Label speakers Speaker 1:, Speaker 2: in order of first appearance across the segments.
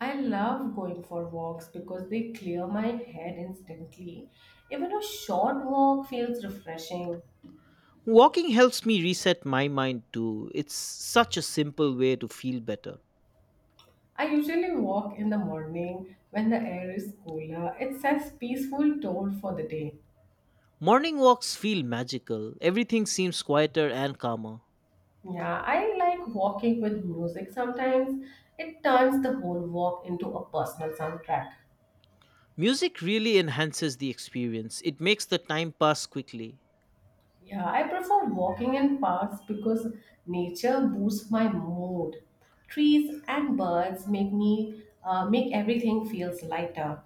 Speaker 1: I love going for walks because they clear my head instantly. Even a short walk feels refreshing.
Speaker 2: Walking helps me reset my mind too. It's such a simple way to feel better.
Speaker 1: I usually walk in the morning when the air is cooler. It sets peaceful tone for the day.
Speaker 2: Morning walks feel magical. Everything seems quieter and calmer.
Speaker 1: Yeah, I like walking with music sometimes. It turns the whole walk into a personal soundtrack.
Speaker 2: Music really enhances the experience. It makes the time pass quickly.
Speaker 1: Yeah, I prefer walking in parks because nature boosts my mood. Trees and birds make everything feels lighter.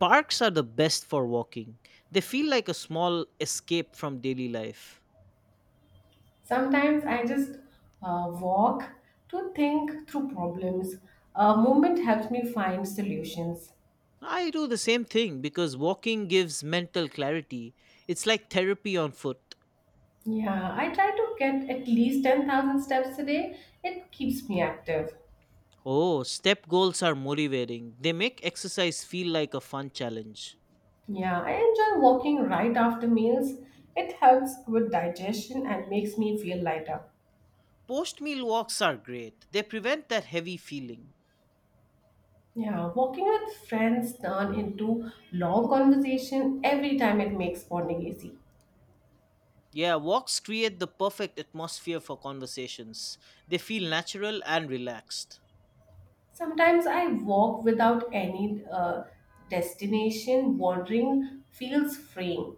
Speaker 2: Parks are the best for walking. They feel like a small escape from daily life.
Speaker 1: Sometimes I just walk to think through problems. A movement helps me find solutions.
Speaker 2: I do the same thing because walking gives mental clarity. It's like therapy on foot.
Speaker 1: Yeah, I try to get at least 10,000 steps a day. It keeps me active.
Speaker 2: Oh, step goals are motivating. They make exercise feel like a fun challenge.
Speaker 1: Yeah, I enjoy walking right after meals. It helps with digestion and makes me feel lighter.
Speaker 2: Post meal walks are great. They prevent that heavy feeling.
Speaker 1: Yeah, walking with friends turn into long conversation every time it makes bonding easy.
Speaker 2: Yeah, walks create the perfect atmosphere for conversations. They feel natural and relaxed.
Speaker 1: Sometimes I walk without any destination, wandering feels freeing.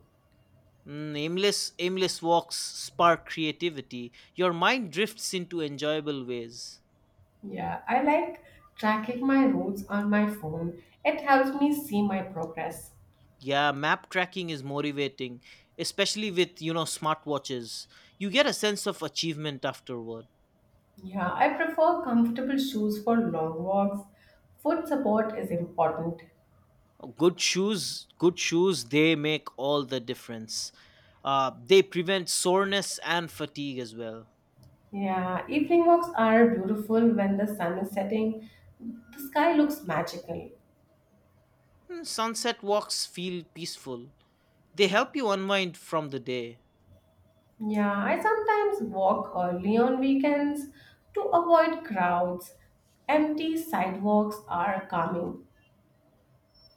Speaker 2: Aimless walks spark creativity. Your mind drifts into enjoyable ways.
Speaker 1: Yeah, I like tracking my routes on my phone. It helps me see my progress.
Speaker 2: Yeah, map tracking is motivating, especially with smartwatches. You get a sense of achievement afterward.
Speaker 1: Yeah, I prefer comfortable shoes for long walks. Foot support is important.
Speaker 2: Good shoes they make all the difference. They prevent soreness and fatigue as well.
Speaker 1: Yeah, evening walks are beautiful when the sun is setting. The sky looks magical.
Speaker 2: Sunset walks feel peaceful. They help you unwind from the day.
Speaker 1: Yeah, I sometimes walk early on weekends to avoid crowds. Empty sidewalks are calming.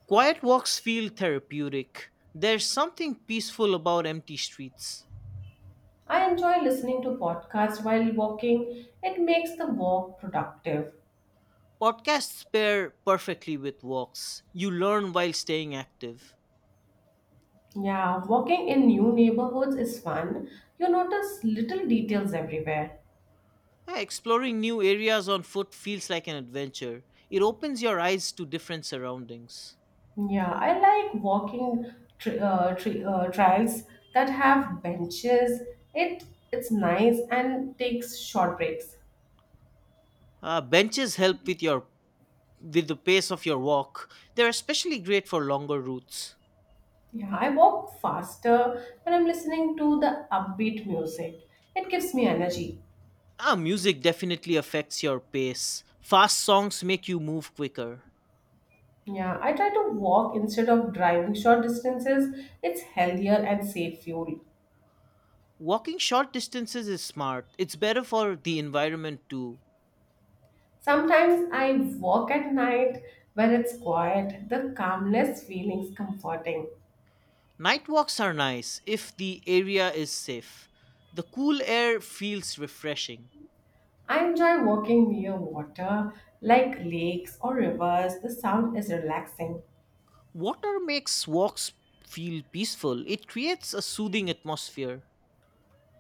Speaker 2: Quiet walks feel therapeutic. There's something peaceful about empty streets.
Speaker 1: I enjoy listening to podcasts while walking. It makes the walk productive.
Speaker 2: Podcasts pair perfectly with walks. You learn while staying active.
Speaker 1: Yeah, walking in new neighborhoods is fun. You notice little details everywhere.
Speaker 2: Yeah, exploring new areas on foot feels like an adventure. It opens your eyes to different surroundings.
Speaker 1: Yeah, I like walking trails that have benches. It it's nice and takes short breaks.
Speaker 2: Benches help with the pace of your walk. They're especially great for longer routes.
Speaker 1: Yeah, I walk faster when I'm listening to the upbeat music. It gives me energy.
Speaker 2: Ah, music definitely affects your pace. Fast songs make you move quicker.
Speaker 1: Yeah, I try to walk instead of driving short distances. It's healthier and safe fuel.
Speaker 2: Walking short distances is smart. It's better for the environment too.
Speaker 1: Sometimes I walk at night when it's quiet. The calmness feeling's comforting.
Speaker 2: Night walks are nice if the area is safe. The cool air feels refreshing.
Speaker 1: I enjoy walking near water, like lakes or rivers. The sound is relaxing.
Speaker 2: Water makes walks feel peaceful. It creates a soothing atmosphere.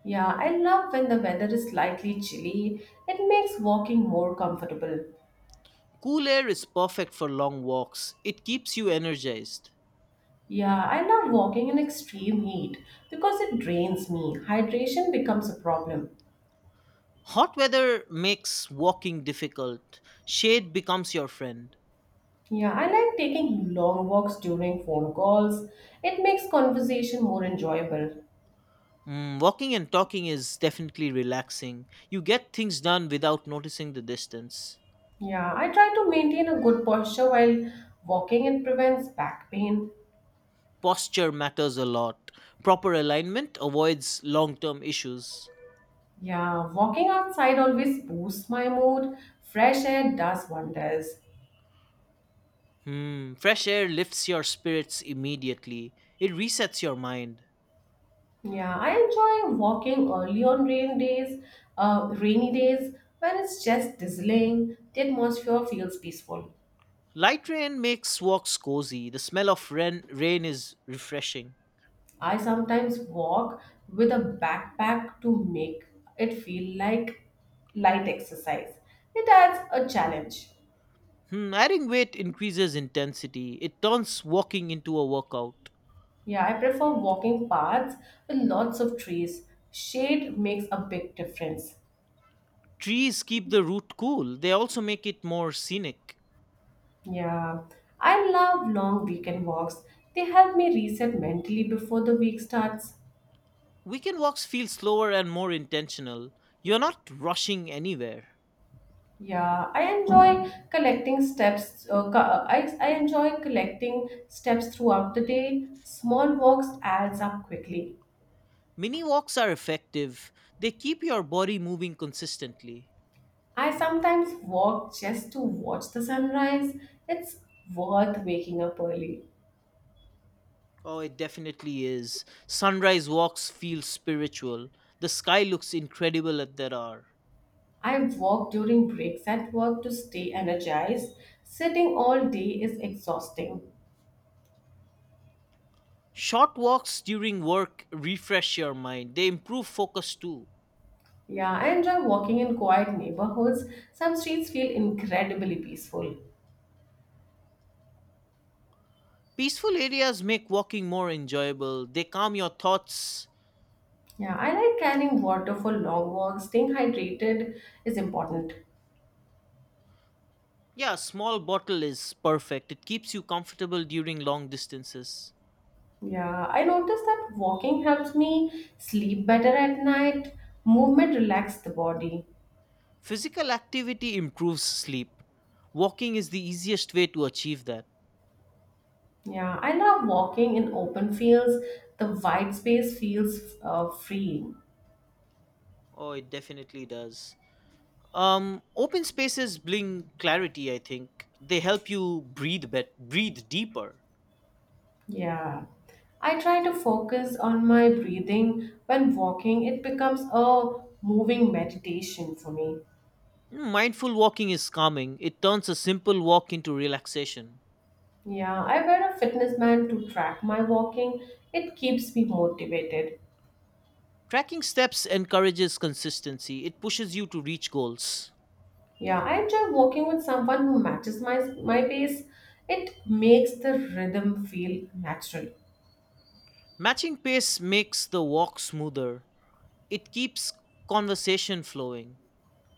Speaker 1: Yeah, I love when the weather is slightly chilly. It makes walking more comfortable.
Speaker 2: Cool air is perfect for long walks. It keeps you energized.
Speaker 1: Yeah, I love walking in extreme heat because it drains me. Hydration becomes a problem.
Speaker 2: Hot weather makes walking difficult. Shade becomes your friend.
Speaker 1: Yeah, I like taking long walks during phone calls. It makes conversation more enjoyable.
Speaker 2: Walking and talking is definitely relaxing. You get things done without noticing the distance.
Speaker 1: Yeah, I try to maintain a good posture while walking. It prevents back pain.
Speaker 2: Posture matters a lot. Proper alignment avoids long term issues.
Speaker 1: Yeah, walking outside always boosts my mood. Fresh air does wonders.
Speaker 2: Fresh air lifts your spirits immediately. It resets your mind.
Speaker 1: Yeah, I enjoy walking early on rainy days when it's just drizzling. The atmosphere feels peaceful.
Speaker 2: Light rain makes walks cozy. The smell of rain is refreshing.
Speaker 1: I sometimes walk with a backpack to make it feel like light exercise. It adds a challenge.
Speaker 2: Adding weight increases intensity. It turns walking into a workout.
Speaker 1: Yeah, I prefer walking paths with lots of trees. Shade makes a big difference.
Speaker 2: Trees keep the route cool. They also make it more scenic.
Speaker 1: Yeah, I love long weekend walks. They help me reset mentally before the week starts.
Speaker 2: Weekend walks feel slower and more intentional. You're not rushing anywhere.
Speaker 1: Yeah, I enjoy collecting steps. I enjoy collecting steps throughout the day. Small walks adds up quickly.
Speaker 2: Mini walks are effective. They keep your body moving consistently.
Speaker 1: I sometimes walk just to watch the sunrise. It's worth waking up early.
Speaker 2: Oh, it definitely is. Sunrise walks feel spiritual. The sky looks incredible at that hour.
Speaker 1: I walk during breaks at work to stay energized. Sitting all day is exhausting.
Speaker 2: Short walks during work refresh your mind. They improve focus too.
Speaker 1: Yeah, I enjoy walking in quiet neighborhoods. Some streets feel incredibly peaceful.
Speaker 2: Peaceful areas make walking more enjoyable. They calm your thoughts.
Speaker 1: Yeah, I like carrying water for long walks. Staying hydrated is important.
Speaker 2: Yeah, a small bottle is perfect. It keeps you comfortable during long distances.
Speaker 1: Yeah, I noticed that walking helps me sleep better at night. Movement relaxes the body.
Speaker 2: Physical activity improves sleep. Walking is the easiest way to achieve that.
Speaker 1: Yeah, I love walking in open fields. The wide space feels freeing.
Speaker 2: Oh, it definitely does. Open spaces bring clarity, I think. They help you breathe deeper.
Speaker 1: Yeah. I try to focus on my breathing when walking. It becomes a moving meditation for me.
Speaker 2: Mindful walking is calming. It turns a simple walk into relaxation.
Speaker 1: Yeah, I wear a fitness band to track my walking. It keeps me motivated.
Speaker 2: Tracking steps encourages consistency. It pushes you to reach goals.
Speaker 1: Yeah, I enjoy working with someone who matches my pace. It makes the rhythm feel natural.
Speaker 2: Matching pace makes the walk smoother. It keeps conversation flowing.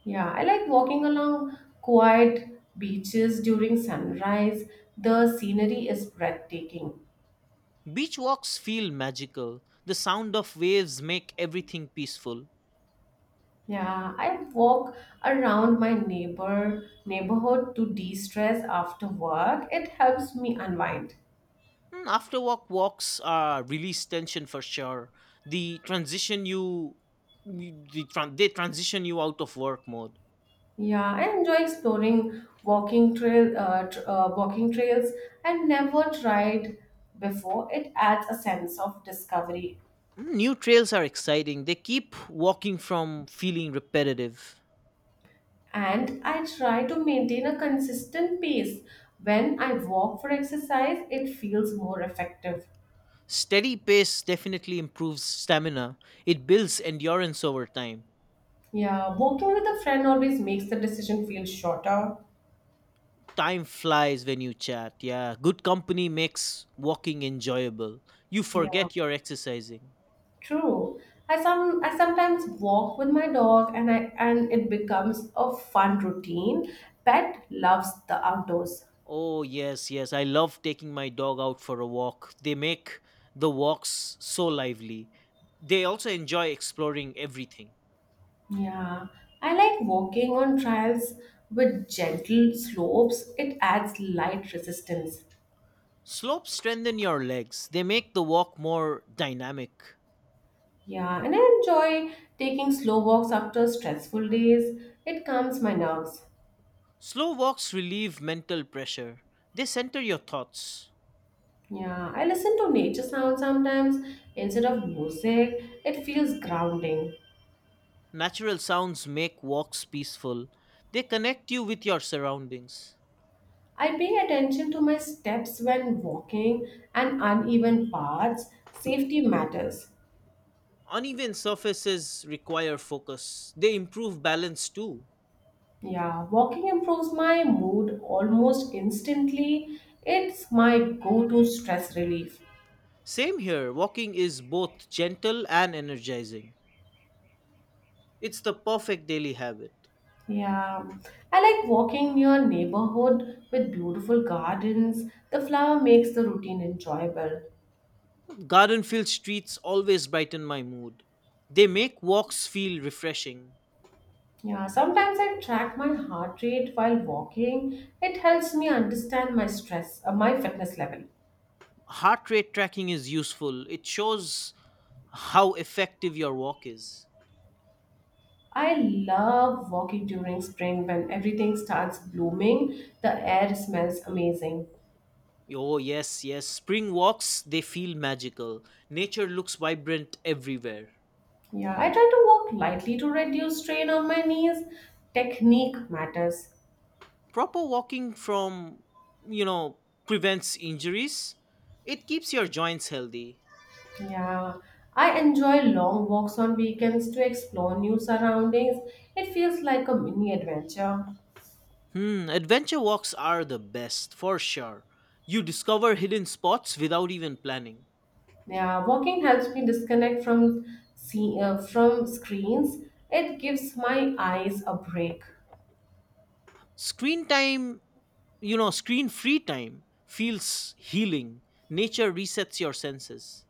Speaker 1: Yeah, I like walking along quiet beaches during sunrise. The scenery is breathtaking.
Speaker 2: Beach walks feel magical. The sound of waves make everything peaceful.
Speaker 1: Yeah, I walk around my neighborhood to de-stress after work. It helps me unwind.
Speaker 2: After walks are release tension for sure. The transition you they transition you out of work mode.
Speaker 1: Yeah, I enjoy exploring walking trails I've never tried before. It adds a sense of discovery,
Speaker 2: New trails are exciting. They keep walking from feeling repetitive.
Speaker 1: and I try to maintain a consistent pace. When I walk for exercise, it feels more effective.
Speaker 2: Steady pace definitely improves stamina. It builds endurance over time.
Speaker 1: Yeah, walking with a friend always makes the decision feel shorter.
Speaker 2: Time flies when you chat. Yeah, good company makes walking enjoyable. You
Speaker 1: Yeah,
Speaker 2: forget you're exercising.
Speaker 1: true. I sometimes walk with my dog and it becomes a fun routine. Pet loves the outdoors.
Speaker 2: Oh, yes, yes. I love taking my dog out for a walk. They make the walks so lively. They also enjoy exploring everything.
Speaker 1: Yeah, I like walking on trails with gentle slopes. It adds light resistance.
Speaker 2: Slopes strengthen your legs. They make the walk more dynamic.
Speaker 1: Yeah, and I enjoy taking slow walks after stressful days. It calms my nerves.
Speaker 2: Slow walks relieve mental pressure. They center your thoughts.
Speaker 1: Yeah, I listen to nature sounds sometimes instead of music. It feels grounding.
Speaker 2: Natural sounds make walks peaceful. They connect you with your surroundings.
Speaker 1: I pay attention to my steps when walking and uneven paths. Safety matters.
Speaker 2: Uneven surfaces require focus. They improve balance too.
Speaker 1: Yeah, walking improves my mood almost instantly. It's my go-to stress relief.
Speaker 2: Same here, walking is both gentle and energizing. It's the perfect daily habit.
Speaker 1: Yeah, I like walking near neighborhood with beautiful gardens. The flower makes the routine enjoyable.
Speaker 2: Garden filled streets always brighten my mood. They make walks feel refreshing.
Speaker 1: Yeah, sometimes I track my heart rate while walking. It helps me understand my fitness level.
Speaker 2: Heart rate tracking is useful. It shows how effective your walk is.
Speaker 1: I love walking during spring when everything starts blooming. The air smells amazing.
Speaker 2: Oh, yes, yes. Spring walks, they feel magical. Nature looks vibrant everywhere.
Speaker 1: Yeah, I try to walk lightly to reduce strain on my knees. Technique matters.
Speaker 2: Proper walking from, you know, prevents injuries. It keeps your joints healthy.
Speaker 1: Yeah, I enjoy long walks on weekends to explore new surroundings. It feels like a mini adventure.
Speaker 2: Adventure walks are the best, for sure. You discover hidden spots without even planning.
Speaker 1: Yeah, walking helps me disconnect from screens. It gives my eyes a break.
Speaker 2: Screen time, screen free time feels healing. Nature resets your senses.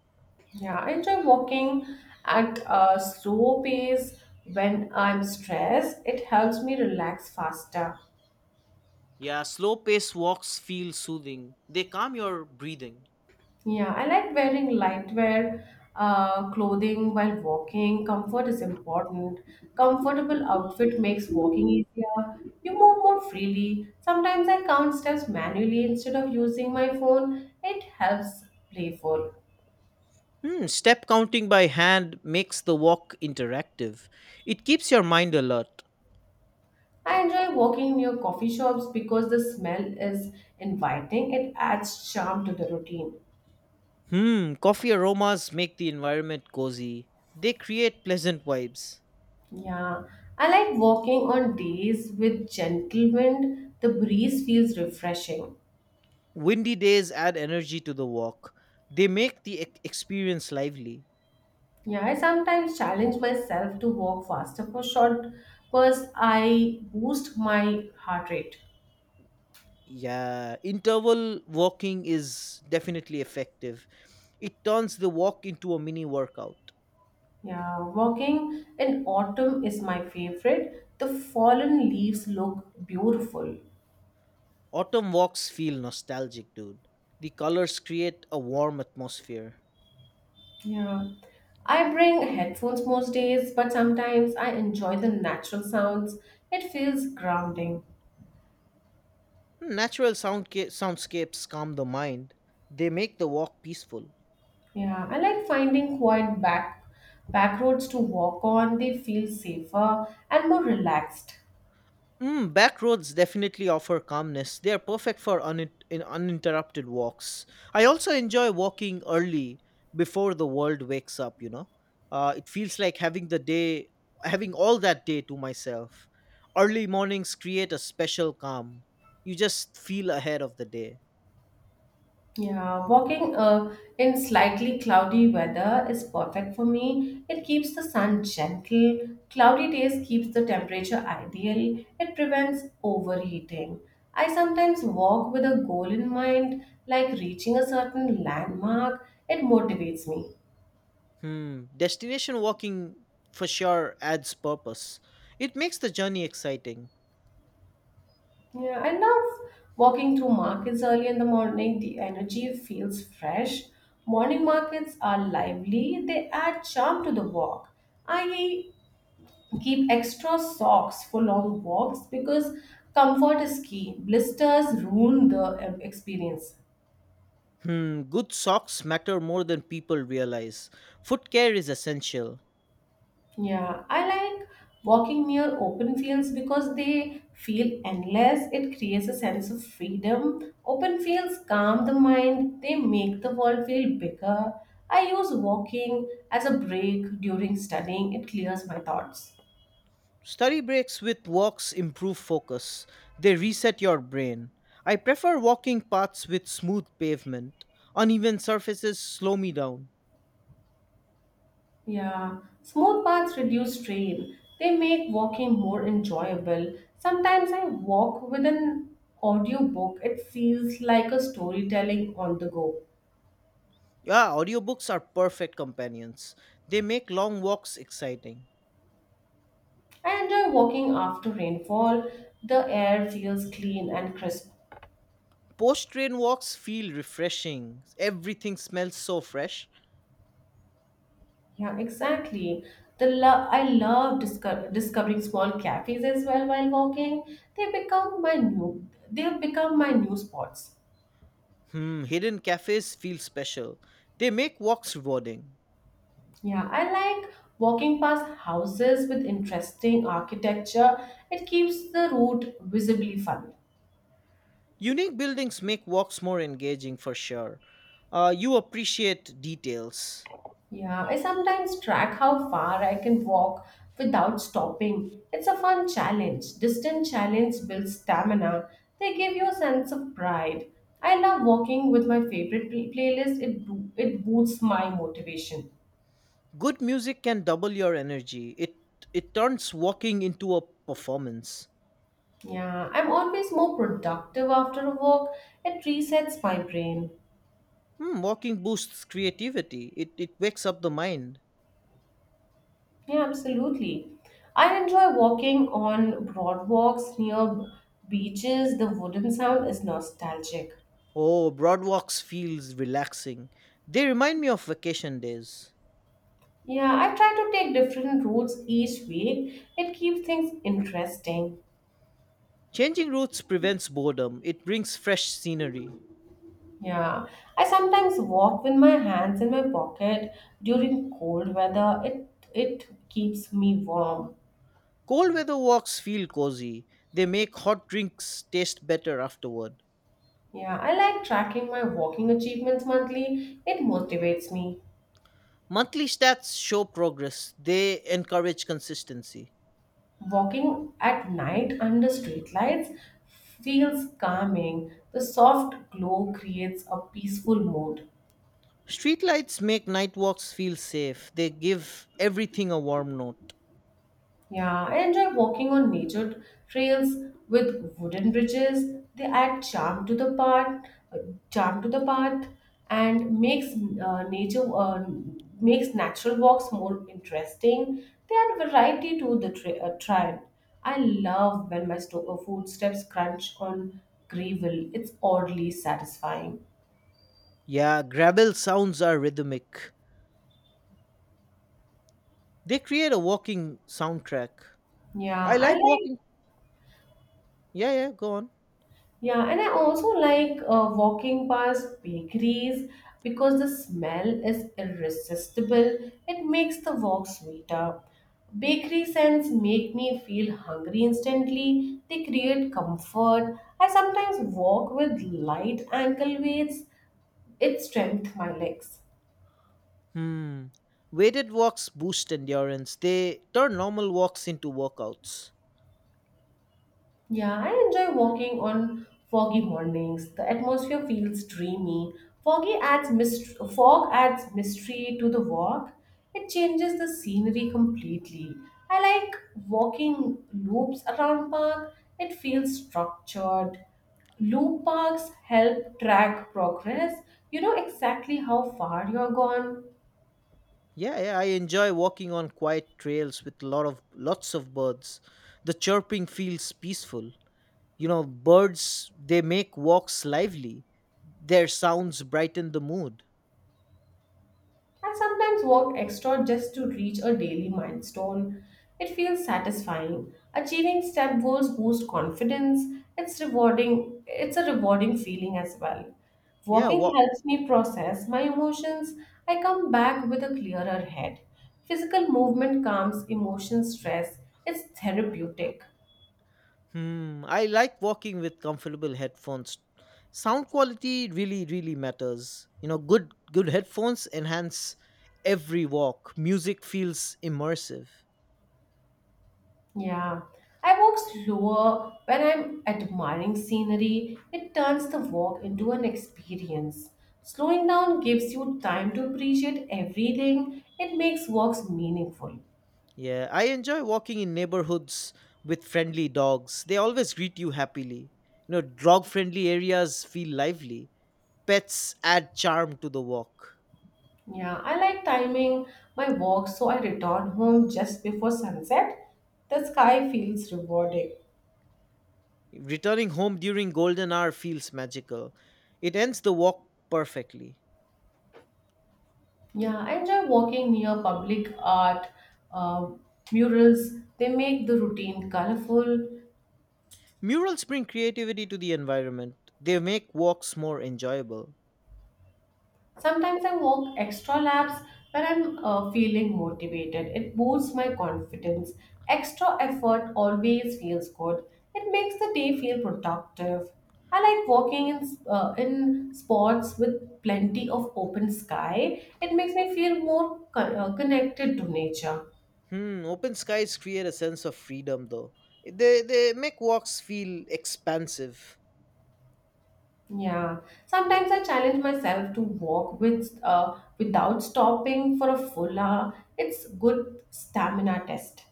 Speaker 1: Yeah, I enjoy walking at a slow pace when I'm stressed. It helps me relax faster.
Speaker 2: Yeah, slow paced walks feel soothing. They calm your breathing.
Speaker 1: Yeah, I like wearing lightwear clothing while walking. Comfort is important. Comfortable outfit makes walking easier. You move more freely. Sometimes I count steps manually instead of using my phone. It helps playful.
Speaker 2: Step counting by hand makes the walk interactive. It keeps your mind alert.
Speaker 1: I enjoy walking near coffee shops because the smell is inviting. It adds charm to the routine.
Speaker 2: Coffee aromas make the environment cozy. They create pleasant vibes.
Speaker 1: Yeah, I like walking on days with gentle wind. The breeze feels refreshing.
Speaker 2: Windy days add energy to the walk. They make the experience lively.
Speaker 1: Yeah, I sometimes challenge myself to walk faster for short bursts. I boost my heart rate.
Speaker 2: Yeah, interval walking is definitely effective. It turns the walk into a mini workout.
Speaker 1: Yeah, walking in autumn is my favorite. The fallen leaves look beautiful.
Speaker 2: Autumn walks feel nostalgic, dude. The colors create a warm atmosphere.
Speaker 1: Yeah. I bring headphones most days, but sometimes I enjoy the natural sounds. It feels grounding.
Speaker 2: Natural soundscapes calm the mind. They make the walk peaceful.
Speaker 1: Yeah, I like finding quiet back roads to walk on. They feel safer and more relaxed.
Speaker 2: Back roads definitely offer calmness. They are perfect for uninterrupted walks. I also enjoy walking early before the world wakes up. It feels like having all that day to myself. Early mornings create a special calm. You just feel ahead of the day.
Speaker 1: Yeah, walking in slightly cloudy weather is perfect for me. It keeps the sun gentle. Cloudy days keeps the temperature ideal. It prevents overheating. I sometimes walk with a goal in mind, like reaching a certain landmark. It motivates me.
Speaker 2: Hmm. Destination walking for sure adds purpose. It makes the journey exciting.
Speaker 1: Yeah, I love walking through markets early in the morning. The energy feels fresh. Morning markets are lively. They add charm to the walk. I keep extra socks for long walks because comfort is key. Blisters ruin the experience.
Speaker 2: Good socks matter more than people realize. Foot care is essential.
Speaker 1: Yeah, I like walking near open fields because they feel endless. It creates a sense of freedom. Open fields calm the mind, they make the world feel bigger. I use walking as a break during studying, it clears my thoughts.
Speaker 2: Study breaks with walks improve focus. They reset your brain. I prefer walking paths with smooth pavement. Uneven surfaces slow me down.
Speaker 1: Yeah, smooth paths reduce strain. They make walking more enjoyable. Sometimes I walk with an audiobook. It feels like a storytelling on the go.
Speaker 2: Yeah, audiobooks are perfect companions. They make long walks exciting.
Speaker 1: I enjoy walking after rainfall. The air feels clean and crisp.
Speaker 2: Post train walks feel refreshing. Everything smells so fresh.
Speaker 1: Yeah, exactly. I love discovering small cafes as well while walking. They become my new they have become my new spots.
Speaker 2: Hidden cafes feel special. They make walks rewarding.
Speaker 1: Yeah, I like walking past houses with interesting architecture. It keeps the route visibly fun.
Speaker 2: Unique buildings make walks more engaging for sure. You appreciate details.
Speaker 1: Yeah, I sometimes track how far I can walk without stopping. It's a fun challenge. Distant challenge builds stamina. They give you a sense of pride. I love walking with my favorite playlist. It boosts my motivation.
Speaker 2: Good music can double your energy. It turns walking into a performance.
Speaker 1: Yeah, I'm always more productive after a walk. It resets my brain.
Speaker 2: Walking boosts creativity. It wakes up the mind.
Speaker 1: Yeah, absolutely. I enjoy walking on broadwalks near beaches. The wooden sound is nostalgic.
Speaker 2: Oh, broad walks feels relaxing. They remind me of vacation days.
Speaker 1: Yeah, I try to take different routes each week. It keeps things interesting.
Speaker 2: Changing routes prevents boredom. It brings fresh scenery.
Speaker 1: Yeah, I sometimes walk with my hands in my pocket during cold weather. It keeps me warm.
Speaker 2: Cold weather walks feel cozy. They make hot drinks taste better afterward.
Speaker 1: Yeah, I like tracking my walking achievements monthly. It motivates me.
Speaker 2: Monthly stats show progress. They encourage consistency.
Speaker 1: Walking at night under streetlights feels calming. The soft glow creates a peaceful mood.
Speaker 2: Streetlights make night walks feel safe. They give everything a warm note.
Speaker 1: Yeah, I enjoy walking on nature trails with wooden bridges. They add charm to the path, and makes nature makes natural walks more interesting. They add variety to the trail. I love when my footsteps crunch on gravel. It's oddly satisfying.
Speaker 2: Yeah, gravel sounds are rhythmic. They create a walking soundtrack.
Speaker 1: Yeah,
Speaker 2: I like walking. Yeah, yeah, go on.
Speaker 1: I also like walking past bakeries because the smell is irresistible. It makes the walk sweeter. Bakery scents make me feel hungry instantly. They create comfort. I sometimes walk with light ankle weights. It strengthens my legs.
Speaker 2: Hmm. Weighted walks boost endurance. They turn normal walks into workouts.
Speaker 1: Yeah, I enjoy walking on foggy mornings. The atmosphere feels dreamy. Fog adds mystery to the walk. It changes the scenery completely. I like walking loops around park. It feels structured. Loop parks help track progress. You know exactly how far you're gone.
Speaker 2: Yeah, yeah, I enjoy walking on quiet trails with lots of birds. The chirping feels peaceful. Birds, they make walks lively. Their sounds brighten the mood.
Speaker 1: I sometimes worked extra just to reach a daily milestone. It feels satisfying. Achieving step goals boosts confidence. It's a rewarding feeling as well.
Speaker 2: Yeah,
Speaker 1: Walking
Speaker 2: walk.
Speaker 1: helps me process my emotions. I come back with a clearer head. Physical movement calms emotion stress. It's therapeutic.
Speaker 2: I like walking with comfortable headphones. Sound quality really, really matters. Good headphones enhance every walk. Music feels immersive.
Speaker 1: Yeah, I walk slower when I'm admiring scenery. It turns the walk into an experience. Slowing down gives you time to appreciate everything. It makes walks meaningful.
Speaker 2: Yeah, I enjoy walking in neighborhoods with friendly dogs. They always greet you happily. Dog friendly areas feel lively. Pets add charm to the walk.
Speaker 1: Yeah, I like timing my walks so I return home just before sunset. The sky feels rewarding.
Speaker 2: Returning home during golden hour feels magical. It ends the walk perfectly.
Speaker 1: Yeah, I enjoy walking near public art, uh, murals. They make the routine colorful.
Speaker 2: Murals bring creativity to the environment. They make walks more enjoyable.
Speaker 1: Sometimes I walk extra laps when I'm feeling motivated. It boosts my confidence. Extra effort always feels good. It makes the day feel productive. I like walking in in spots with plenty of open sky. It makes me feel more connected to nature.
Speaker 2: Open skies create a sense of freedom though. They make walks feel expansive.
Speaker 1: Yeah. Sometimes I challenge myself to walk with without stopping for a full hour. It's good stamina test.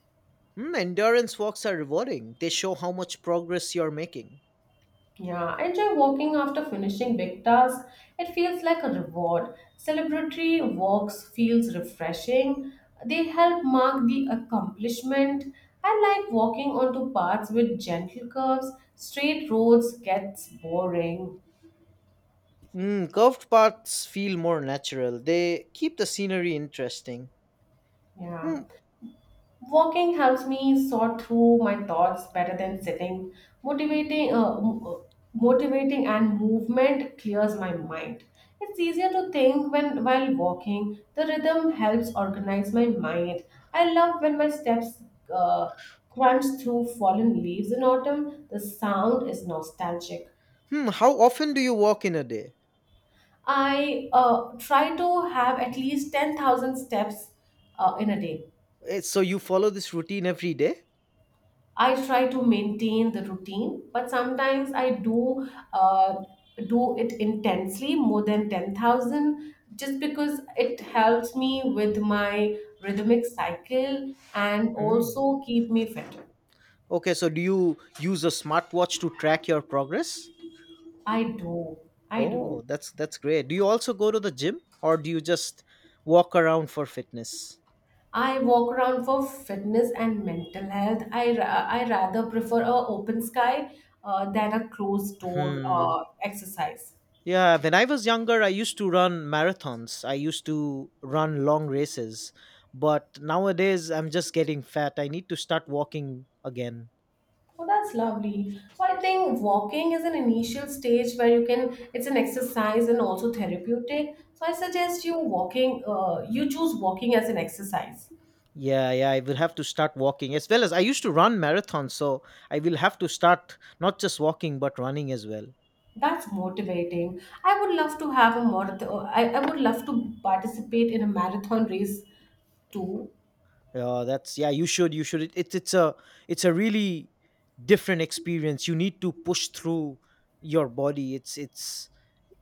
Speaker 2: Endurance walks are rewarding. They show how much progress you're making.
Speaker 1: Yeah, I enjoy walking after finishing big tasks. It feels like a reward. Celebratory walks feels refreshing. They help mark the accomplishment. I like walking onto paths with gentle curves. Straight roads gets boring.
Speaker 2: Curved paths feel more natural. They keep the scenery interesting.
Speaker 1: Yeah.
Speaker 2: Hmm,
Speaker 1: Walking helps me sort through my thoughts better than sitting. Motivating, uh, m- uh, motivating and movement clears my mind. It's easier to think when while walking. The rhythm helps organize my mind. I love when my steps uh, crunch through fallen leaves in autumn. The sound is nostalgic.
Speaker 2: how often do you walk in a day?
Speaker 1: I try to have at least 10,000 steps in a day.
Speaker 2: So you follow this routine every day?
Speaker 1: I try to maintain the routine, but sometimes I do it intensely, more than 10,000, just because it helps me with my rhythmic cycle and
Speaker 2: Mm.
Speaker 1: also keep me fit.
Speaker 2: Okay, so do you use a smartwatch to track your progress?
Speaker 1: I do, I do.
Speaker 2: Oh, that's great. Do you also go to the gym or do you just walk around for fitness?
Speaker 1: I walk around for fitness and mental health. I I rather prefer a open sky than a closed door
Speaker 2: Hmm.
Speaker 1: exercise.
Speaker 2: Yeah, when I was younger, I used to run marathons. I used to run long races. But nowadays, I'm just getting fat. I need to start walking again.
Speaker 1: Oh, that's lovely. So I think walking is an initial stage where you can, it's an exercise and also therapeutic. So I suggest you walking, you choose walking as an exercise.
Speaker 2: Yeah, yeah, I will have to start walking as well as I used to run marathons. So I will have to start not just walking, but running as well.
Speaker 1: That's motivating. I would love to have a marathon, I would love to participate in a marathon race too.
Speaker 2: That's, yeah. You should. You should. It's a really different experience. You need to push through your body. It's it's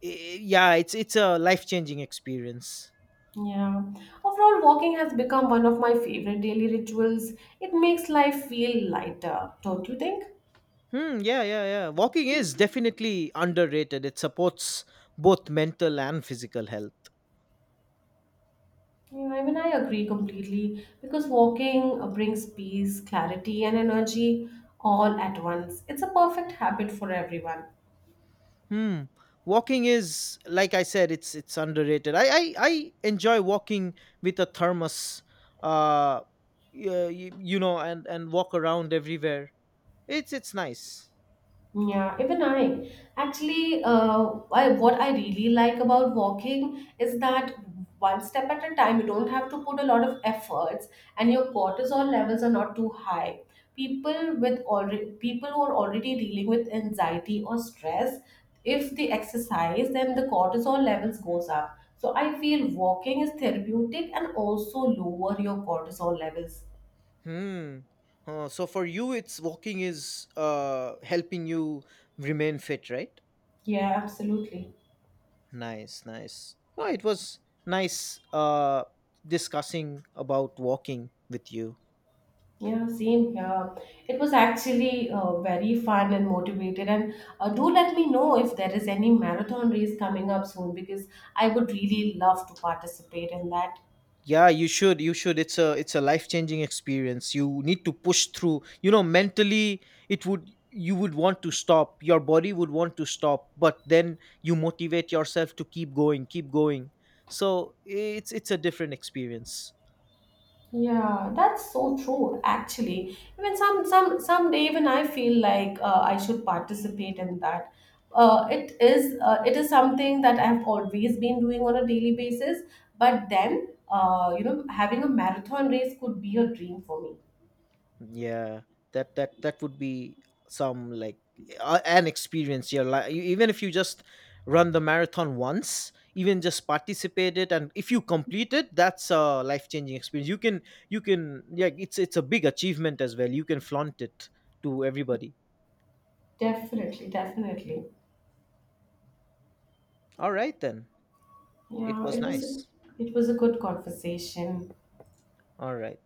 Speaker 2: i- Yeah. It's a life changing experience.
Speaker 1: Yeah. Overall, walking has become one of my favorite daily rituals. It makes life feel lighter, don't you think?
Speaker 2: Hmm. Yeah. Yeah. Yeah. Walking is definitely underrated. It supports both mental and physical health.
Speaker 1: Yeah, I mean, I agree completely because walking brings peace, clarity, and energy all at once. It's a perfect habit for everyone.
Speaker 2: Hmm. Walking is like I said. It's underrated. I enjoy walking with a thermos. Uh. Yeah. And walk around everywhere. It's nice.
Speaker 1: Yeah, even I. Actually, what I really like about walking is that one step at a time, you don't have to put a lot of efforts, and your cortisol levels are not too high. People who are already dealing with anxiety or stress, if they exercise, then the cortisol levels goes up. So I feel walking is therapeutic and also lower your cortisol levels.
Speaker 2: Hmm. Oh, so for you, it's walking is helping you remain fit, right?
Speaker 1: Yeah, absolutely.
Speaker 2: Nice, nice. Oh, it was nice discussing about walking with you.
Speaker 1: Yeah, same here. It was actually very fun and motivated. And do let me know if there is any marathon race coming up soon because I would really love to participate in that.
Speaker 2: Yeah, you should. You should. It's a life changing experience. You need to push through. Mentally, it would you would want to stop. Your body would want to stop, but then you motivate yourself to keep going, keep going. So it's a different experience.
Speaker 1: Yeah, that's so true, actually. Even someday even I feel like I should participate in that. It is something that I've always been doing on a daily basis, but then having a marathon race could be a dream for me.
Speaker 2: Yeah, that would be some like an experience your life, even if you just run the marathon once, even just participate it, and if you complete it, that's a life-changing experience. You can, yeah, it's a big achievement as well. You can flaunt it to everybody.
Speaker 1: Definitely, definitely.
Speaker 2: All right then. It
Speaker 1: Yeah,
Speaker 2: was nice.
Speaker 1: it was a good conversation.
Speaker 2: All right.